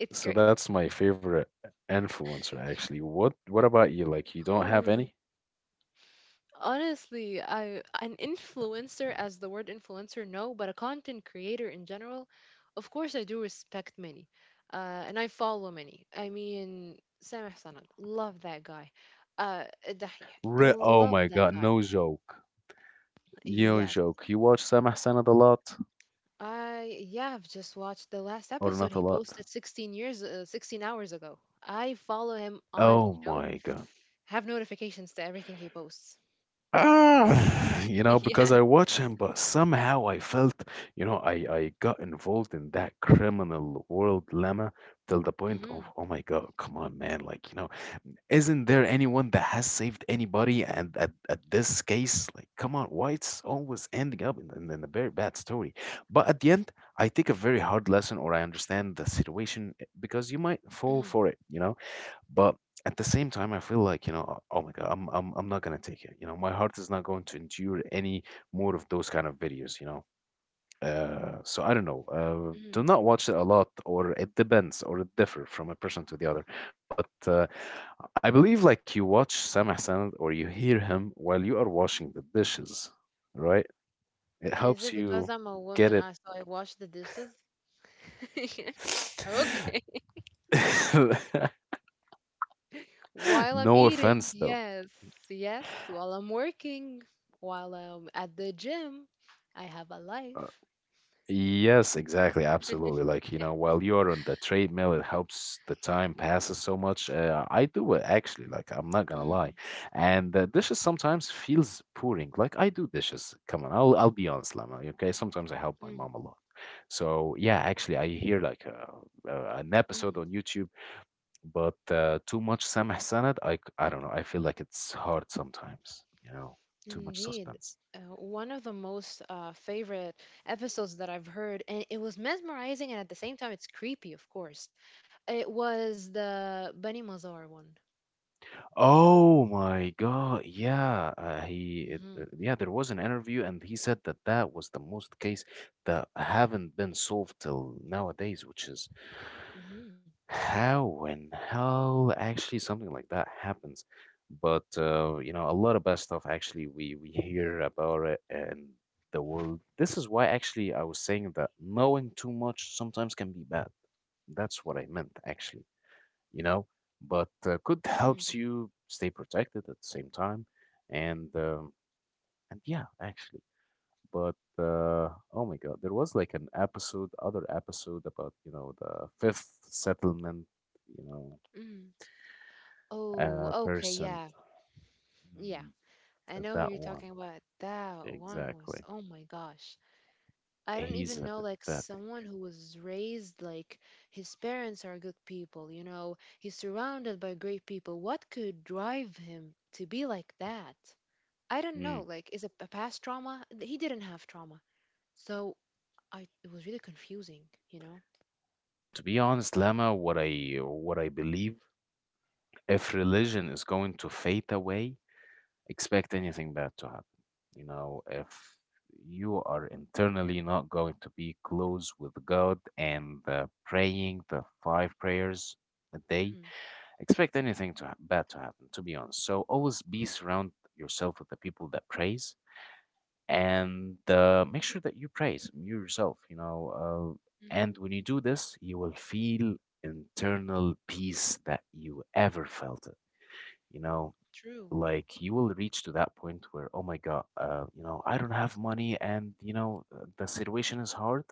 it's
So
great.
that's my favorite influencer actually. What about you? Like, you don't have
Holy.
any
Honestly, I an influencer as the word influencer, no, but a content creator in general, of course I do respect many. And I follow many. I mean, Sam Hassan, love that guy. Dahih,
Oh
love
my
that
god,
guy.
no joke, no
Yes,
joke, you watch Samah Sanad a lot
I yeah, I've just watched the last
or not
episode
a
he
lot?
posted 16 years 16 hours ago. I follow him
Oh
on, you
my
know,
God.
have notifications to everything he posts.
Ah, you know, because I
Yeah.
watch him, but somehow I felt, you know, I got involved in that criminal world lemma till the point of,
Mm-hmm,
oh my God, come on, man. Like, you know, isn't there anyone that has saved anybody? And at this case, like, come on, why it's always ending up in a very bad story? But at the end, I take a very hard lesson, or I understand the situation eh, because you might
mm-hmm,
fall for it, you know? But at the same time, I feel like, you know, oh, oh my God, I'm not gonna take it. You know, my heart is not going to endure any more of those kind of videos, you know. So I don't know.
mm-hmm.
Do not watch it a lot, or it depends, or it differ from a person to the other. But I believe like you watch Sam Hassan, or you hear him while you are washing the dishes, right? It
Is it
helps
because
you
I'm a woman
get
I
it.
so I wash the dishes? Okay. While I'm
No
eating,
offense though.
yes. Yes, while I'm working, while I'm at the gym, I have a life.
Yes, exactly. Absolutely. Like, you
Yeah.
know, while you're on the treadmill, it helps the time passes so much. I do it actually, like, I'm not gonna lie.
Mm,
And the dishes sometimes feels boring. Like, I do dishes. Come on, I'll be honest, Lama. Okay, sometimes I help my mom
mm,
a lot. So yeah, actually, I hear like an episode
mm.
on YouTube, but too much Sameh Sanad, I, I don't know. I feel like it's hard sometimes, you know, too much
Indeed.
suspense.
One of the most favorite episodes that I've heard, and it was mesmerizing and at the same time it's creepy, of course. It was the Bunny Mazar one.
Oh my God. Yeah.
Mm-hmm.
Yeah, there was an interview and he said that that was the most case that haven't been solved till nowadays, which is
Mm-hmm.
how in hell actually something like that happens? But you know, a lot of bad stuff actually we hear about it in the world. This is why actually I was saying that knowing too much sometimes can be bad. That's what I meant actually, you know. But good helps
Mm-hmm.
you stay protected at the same time, and um, and yeah, actually. But oh my God, there was like an episode, other episode about, you know, the fifth settlement, you know,
Mm-hmm. Oh, okay,
person.
yeah. Yeah.
Mm,
I know who
that
you're
one.
talking about. That one was,
Exactly.
oh my gosh. I don't
He's
even
a
know, like,
pathetic.
someone who was raised like his parents are good people, you know, he's surrounded by great people. What could drive him to be like that? I don't know,
Mm.
like, is it a past trauma? He didn't have trauma. So I it was really confusing, you know?
To be honest, Lama, what I believe, if religion is going to fade away, expect anything bad to happen. You know, if you are internally not going to be close with God and the praying the five prayers a day,
Hmm.
expect anything to bad to happen. To be honest, so always be surround yourself with the people that praise and make sure that you praise you yourself
Hmm.
and when you do this you will feel internal peace that you ever felt it you know
True.
like you will reach to that point where oh my god, you know, I don't have money, and the situation is hard,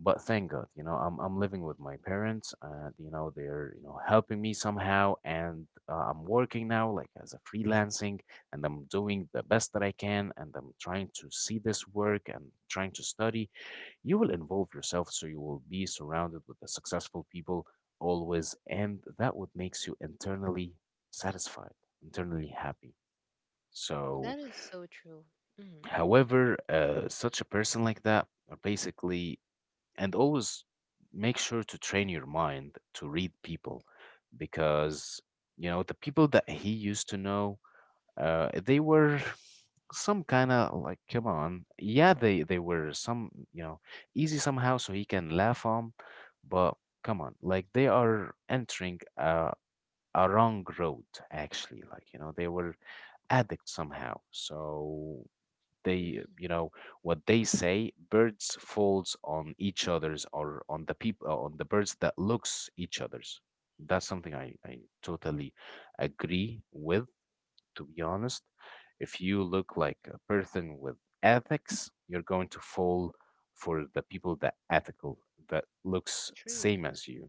but thank God, you know, I'm living with my parents, and you know they're you know helping me somehow, and I'm working now like as a freelancing, and I'm doing the best that I can, and I'm trying to see this work and trying to study. You will involve yourself, so you will be surrounded with the successful people always, and that what makes you internally satisfied, internally happy. So,
That is so true. Hmm.
however, such a person like that are basically and always make sure to train your mind to read people because you know the people that he used to know, they were some kind of like, come on, yeah, they were some, you know, easy somehow so he can laugh on, but come on, like they are entering a wrong road actually, like you know they were addicts somehow, so they,
Hmm.
you know what they say, birds falls on each other's, or on the people on the birds that looks each other's. That's something I totally agree with, to be honest. If you look like a person with ethics, you're going to fall for the people that ethical, that looks
True.
same as you.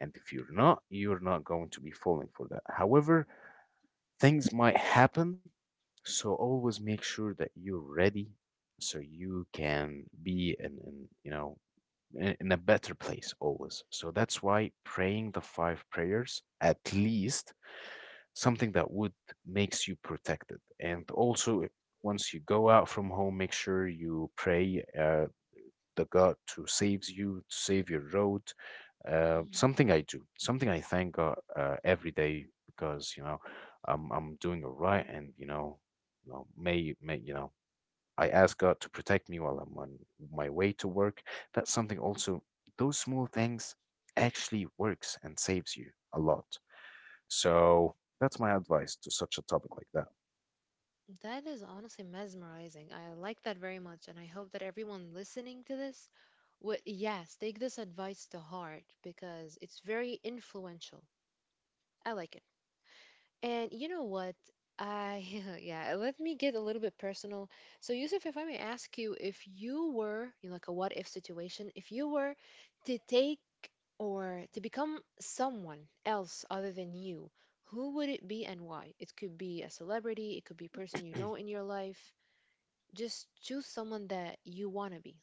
And if you're not, you're not going to be falling for that, however things might happen. So always make sure that you're ready so you can be in you know, in a better place always. So that's why praying the five prayers, at least, something that would makes you protected. And also, once you go out from home, make sure you pray. The God to saves you, to save your road.
Mhm.
Something I do, something I thank God every day because you know I'm doing all right, and you know, may you know, I ask God to protect me while I'm on my way to work. That's something also. Those small things actually works and saves you a lot. So that's my advice to such a topic like that.
That is honestly mesmerizing. I like that very much, and I hope that everyone listening to this would, yes, take this advice to heart because it's very influential. I like it. And you know what? I yeah, let me get a little bit personal. So Yusuf, if I may ask you, if you were in like a what if situation, if you were to take or to become someone else other than you, who would it be and why? It could be a celebrity, it could be a person you know in your life. Just choose someone that you want to be.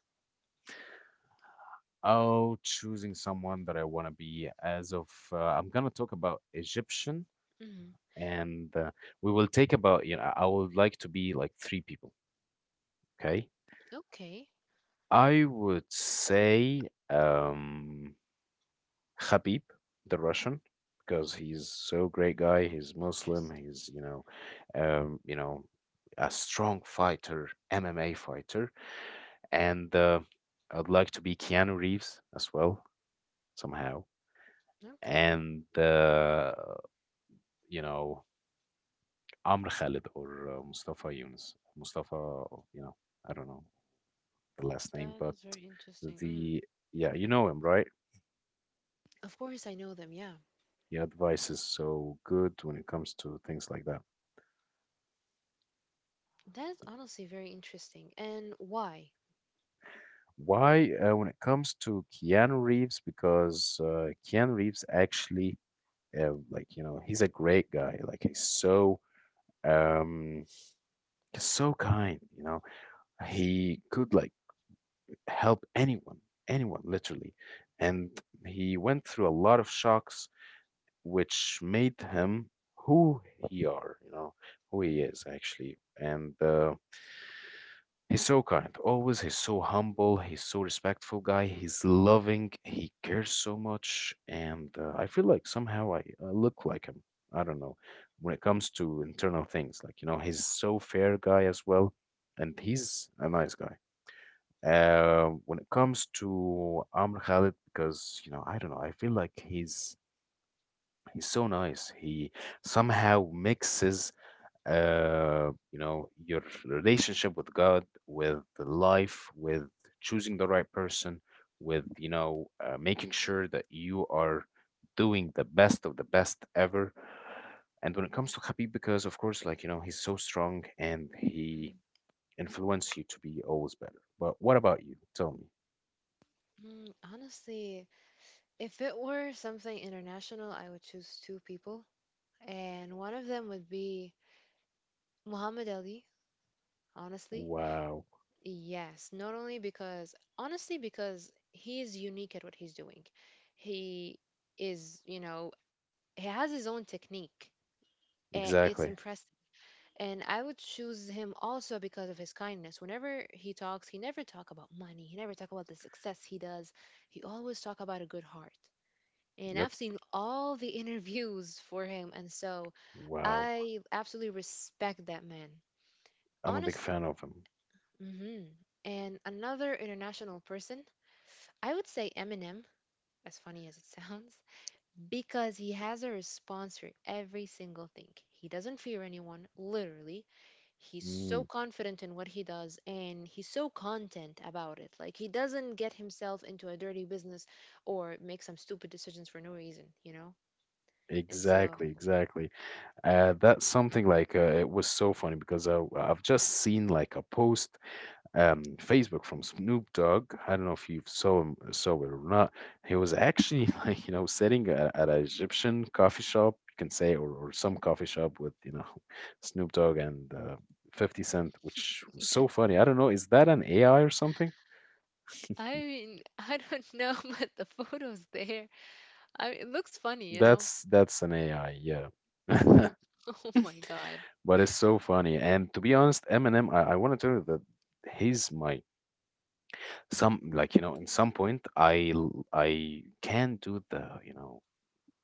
Oh, choosing someone that I want to be, as of I'm gonna talk about Egyptian
Hmm.
and we will take about, you know, I would like to be like three people, okay.
Okay.
I would say, um Khabib, the Russian, because he's so great
Mm,
guy, he's Muslim,
interesting.
he's, you know, you know, a strong fighter, MMA fighter. And I'd like to be Keanu Reeves as well, somehow.
Okay.
And you know, Amr Khalid, or Mustafa Yunus, Mustafa, you know, I don't know the last name,
That is
but
very interesting. Mm.
the, yeah, you know him, right?
Of course, I know them. Yeah.
Your advice is so good when it comes to things like that.
That's honestly very interesting. And why?
Why, when it comes to Keanu Reeves, because Keanu Reeves actually, like you know, he's a great guy. Like he's so, um, he's so kind. You know, he could like help anyone, anyone, literally, and he went through a lot of shocks which made him who he are, you know, who he
Mhm,
is actually. And he's so kind, always. He's so humble. He's so respectful guy. He's loving. He cares so much, and I feel like somehow I look like him. I don't know, when it comes to internal things, like you know, he's so fair guy as well, and he's a nice guy. When it comes to Amr Khalid, because you know, I don't know, I feel like he's so nice. He somehow mixes, you know, your relationship with God, with life, with choosing the right person, with you know, making sure that you are doing the best of the best ever. And when it comes to Khabib, because of course, like you know, he's so strong and he
mhm.
influences you to be always better. But what about you? Tell me.
Mm, honestly, if it were something international, I would choose two people. And one of them would be Muhammad Ali, honestly.
Wow.
Yes, not only because, honestly, because he is unique at what he's doing. He is, you know, he has his own technique. And it's
Exactly.
impressive. And I would choose him also because of his kindness. Whenever he talks, he never talk about money. He never talk about the success he does. He always talk about a good heart. And
Yep.
I've seen all the interviews for him, and so
Wow.
I absolutely respect that man.
I'm a big
Honest.
fan of him.
Hmm. And another international person, I would say Eminem. As funny as it sounds, because he has a response for every single thing. He doesn't fear anyone, literally. He's so
Mm,
confident in what he does and he's so content about it. Like, he doesn't get himself into a dirty business or make some stupid decisions for no reason, you know? And so,
exactly, exactly. That's something like, it was so funny because I've just seen like a post Facebook from Snoop Dogg. I don't know if you saw it or not. He was actually like you know sitting at an Egyptian coffee shop, you can say, or some coffee shop with you know Snoop Dogg and 50 Cent, which was
yeah.
so funny. I don't know, is that an AI or something?
I mean, I don't know, but the photo's there. I it looks funny, you know?
That's an AI, yeah.
Oh my God.
But it's so funny. And to be honest, Eminem, I want to tell you that he's my some, like you know, in some point I can do the, you know,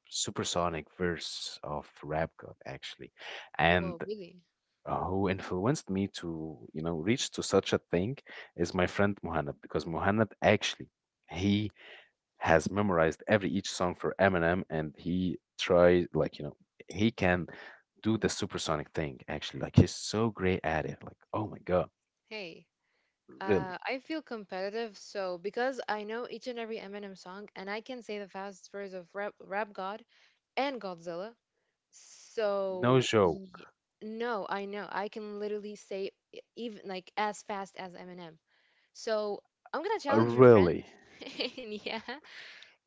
supersonic verse of Rap God actually. And
Whoa, really?
who influenced me to, you know, reach to such a thing is my friend Muhannad, because Muhannad actually, he has memorized every each song for Eminem, and he tries, like you know, he can do the supersonic thing actually. Like he's so great at it. Like oh my god,
Hey,
really?
I feel competitive, so because I know each and every Eminem song, and I can say the fast words of Rap, Rap God and Godzilla.
No
So
joke.
y- no, I know I can literally say e- even like as fast as Eminem. So I'm gonna challenge your friend.
Really?
Yeah,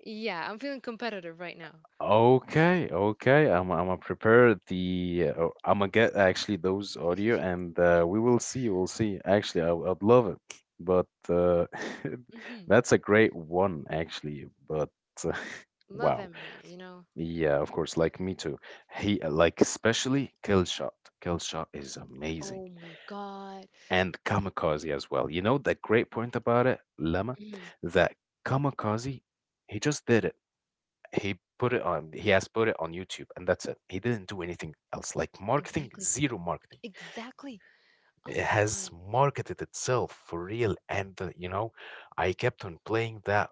yeah, I'm feeling competitive right now.
Okay, okay. I'm gonna prepare the. I'm gonna get actually those audio, and we will see. We'll see. Actually, I would love it, but
Hmm.
that's a great one actually. But
Love
wow.
Eminem, you know.
Yeah, of course. Like me too. He like especially Killshot. Killshot is amazing,
Oh my God.
and Kamikaze as well. You know the great point about it, Lemma,
Hmm.
that Kamikaze, he just did it. He put it on. He has put it on YouTube, and that's it. He didn't do anything else. Like marketing,
Exactly.
zero marketing.
Exactly. Oh
It
my
has
God.
marketed itself for real, and you know, I kept on playing that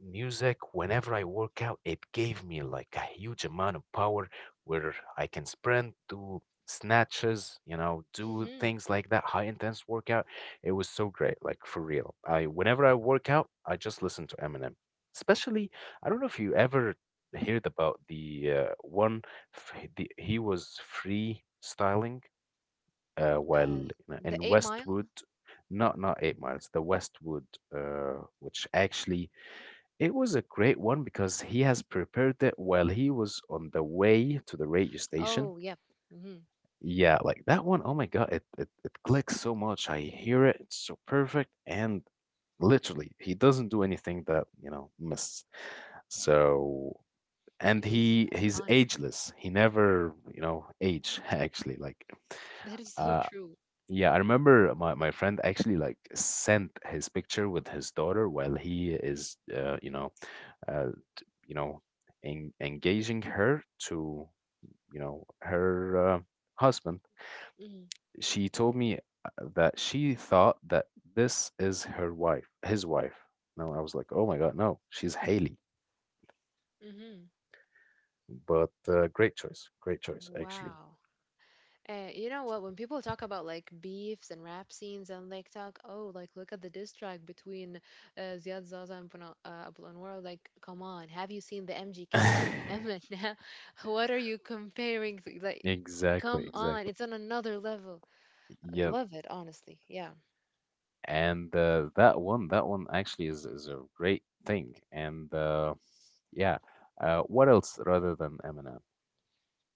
music whenever I work out. It gave me like a huge amount of power where I can sprint, do snatches, you know, do
Hmm.
things like that, high intense workout. It was so great, like for real. I whenever I work out, I just listen to Eminem. Especially, I don't know if you ever heard about the one the, he was freestyling, well,
Uh,
in
the
in
Eight Mile.
Westwood, not not 8 miles, the Westwood, uh, which actually, it was a great one because he has prepared it while he was on the way to the radio station.
Oh, yep. Hmm.
Yeah, like that one, oh my God, it clicks so much. I hear it, it's so perfect, and literally he doesn't do anything that, you know, miss. So and
He's
he's
iconic.
ageless. He never, you know, age actually like.
That is so
Uh,
true.
yeah, I remember my friend actually like sent his picture with his daughter while he is you know, uh, you know, en engaging her to you know her husband. She told me that she thought that this is her wife, his wife. No, I was like, oh my God, no, she's Haley.
Mm-hmm.
But great choice actually.
Wow. You know what? When people talk about like beefs and rap scenes and like talk, oh, like look at the diss track between Ziad Zaza and Abu Anwar. Like, come on, have you seen the MGK and Eminem? What are you comparing? To? Like,
Exactly,
come on,
exactly.
it's on another level. I
Yeah,
love it, honestly. Yeah.
and that one actually is a great thing, and yeah, what else rather than Eminem?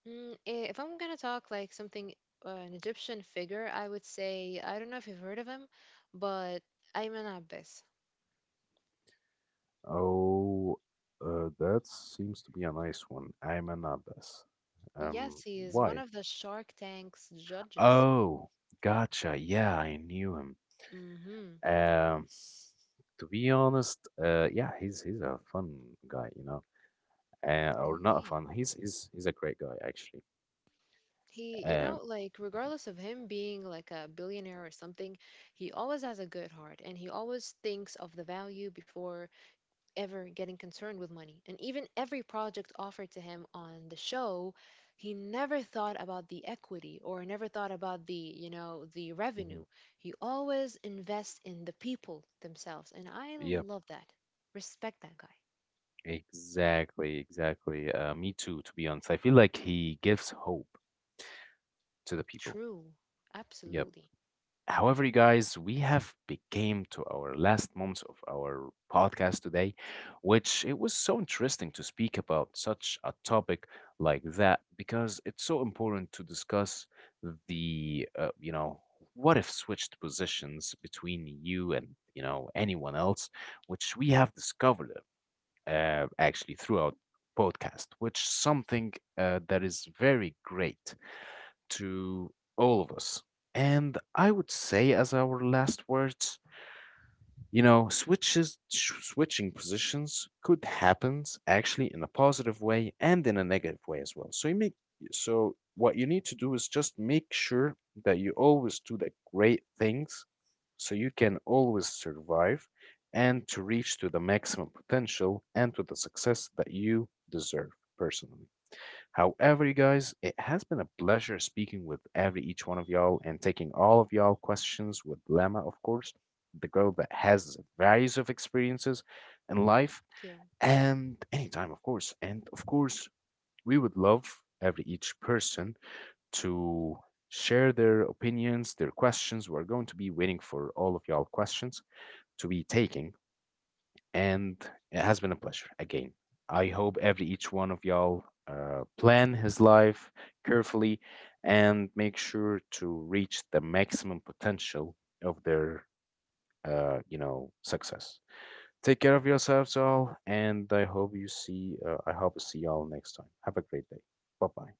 Mm, eh, if I'm gonna talk like something, an Egyptian figure, I would say I don't know if you've heard of him, but Ayman Abbas.
Oh, that seems to be a nice one, Ayman Abbas,
Yes,
um
he is one
why,
of the Shark Tank's judges.
oh, gotcha, yeah, I knew him,
Mm-hmm.
um to be honest, yeah, he's a fun guy, you know, or not
Indeed.
fun, he's a great guy actually,
He, you know,
um
like regardless of him being like a billionaire or something, he always has a good heart and he always thinks of the value before ever getting concerned with money. And even every project offered to him on the show, he never thought about the equity or never thought about the, you know, the
mhm.
revenue. He always invests in the people themselves. And I
Yeah,
love that. Respect that guy.
exactly, exactly. Me too, to be honest. I feel like he gives hope to the people.
True.
Yep.
Absolutely.
However, you guys, we have became to our last moments of our podcast today, which it was so interesting to speak about such a topic like that, because it's so important to discuss the, you know, what if switched positions between you and you know anyone else, which we have discovered actually throughout podcast, which something that is very great to all of us. And I would say as our last words, you know, switching positions could happen actually in a positive way and in a negative way as well. So what you need to do is just make sure that you always do the great things so you can always survive and to reach to the maximum potential and to the success that you deserve personally. However, you guys, it has been a pleasure speaking with every each one of y'all and taking all of y'all questions with Lama, of course, the girl that has various of experiences in life,
Thank you.
and anytime, of course. And of course, we would love every each person to share their opinions, their questions. We're going to be waiting for all of y'all questions to be taking. And it has been a pleasure again. I hope every each one of y'all plan his life carefully and make sure to reach the maximum potential of their, you know, success. Take care of yourselves all, and I hope you see. I hope to see y'all next time. Have a great day. Bye bye.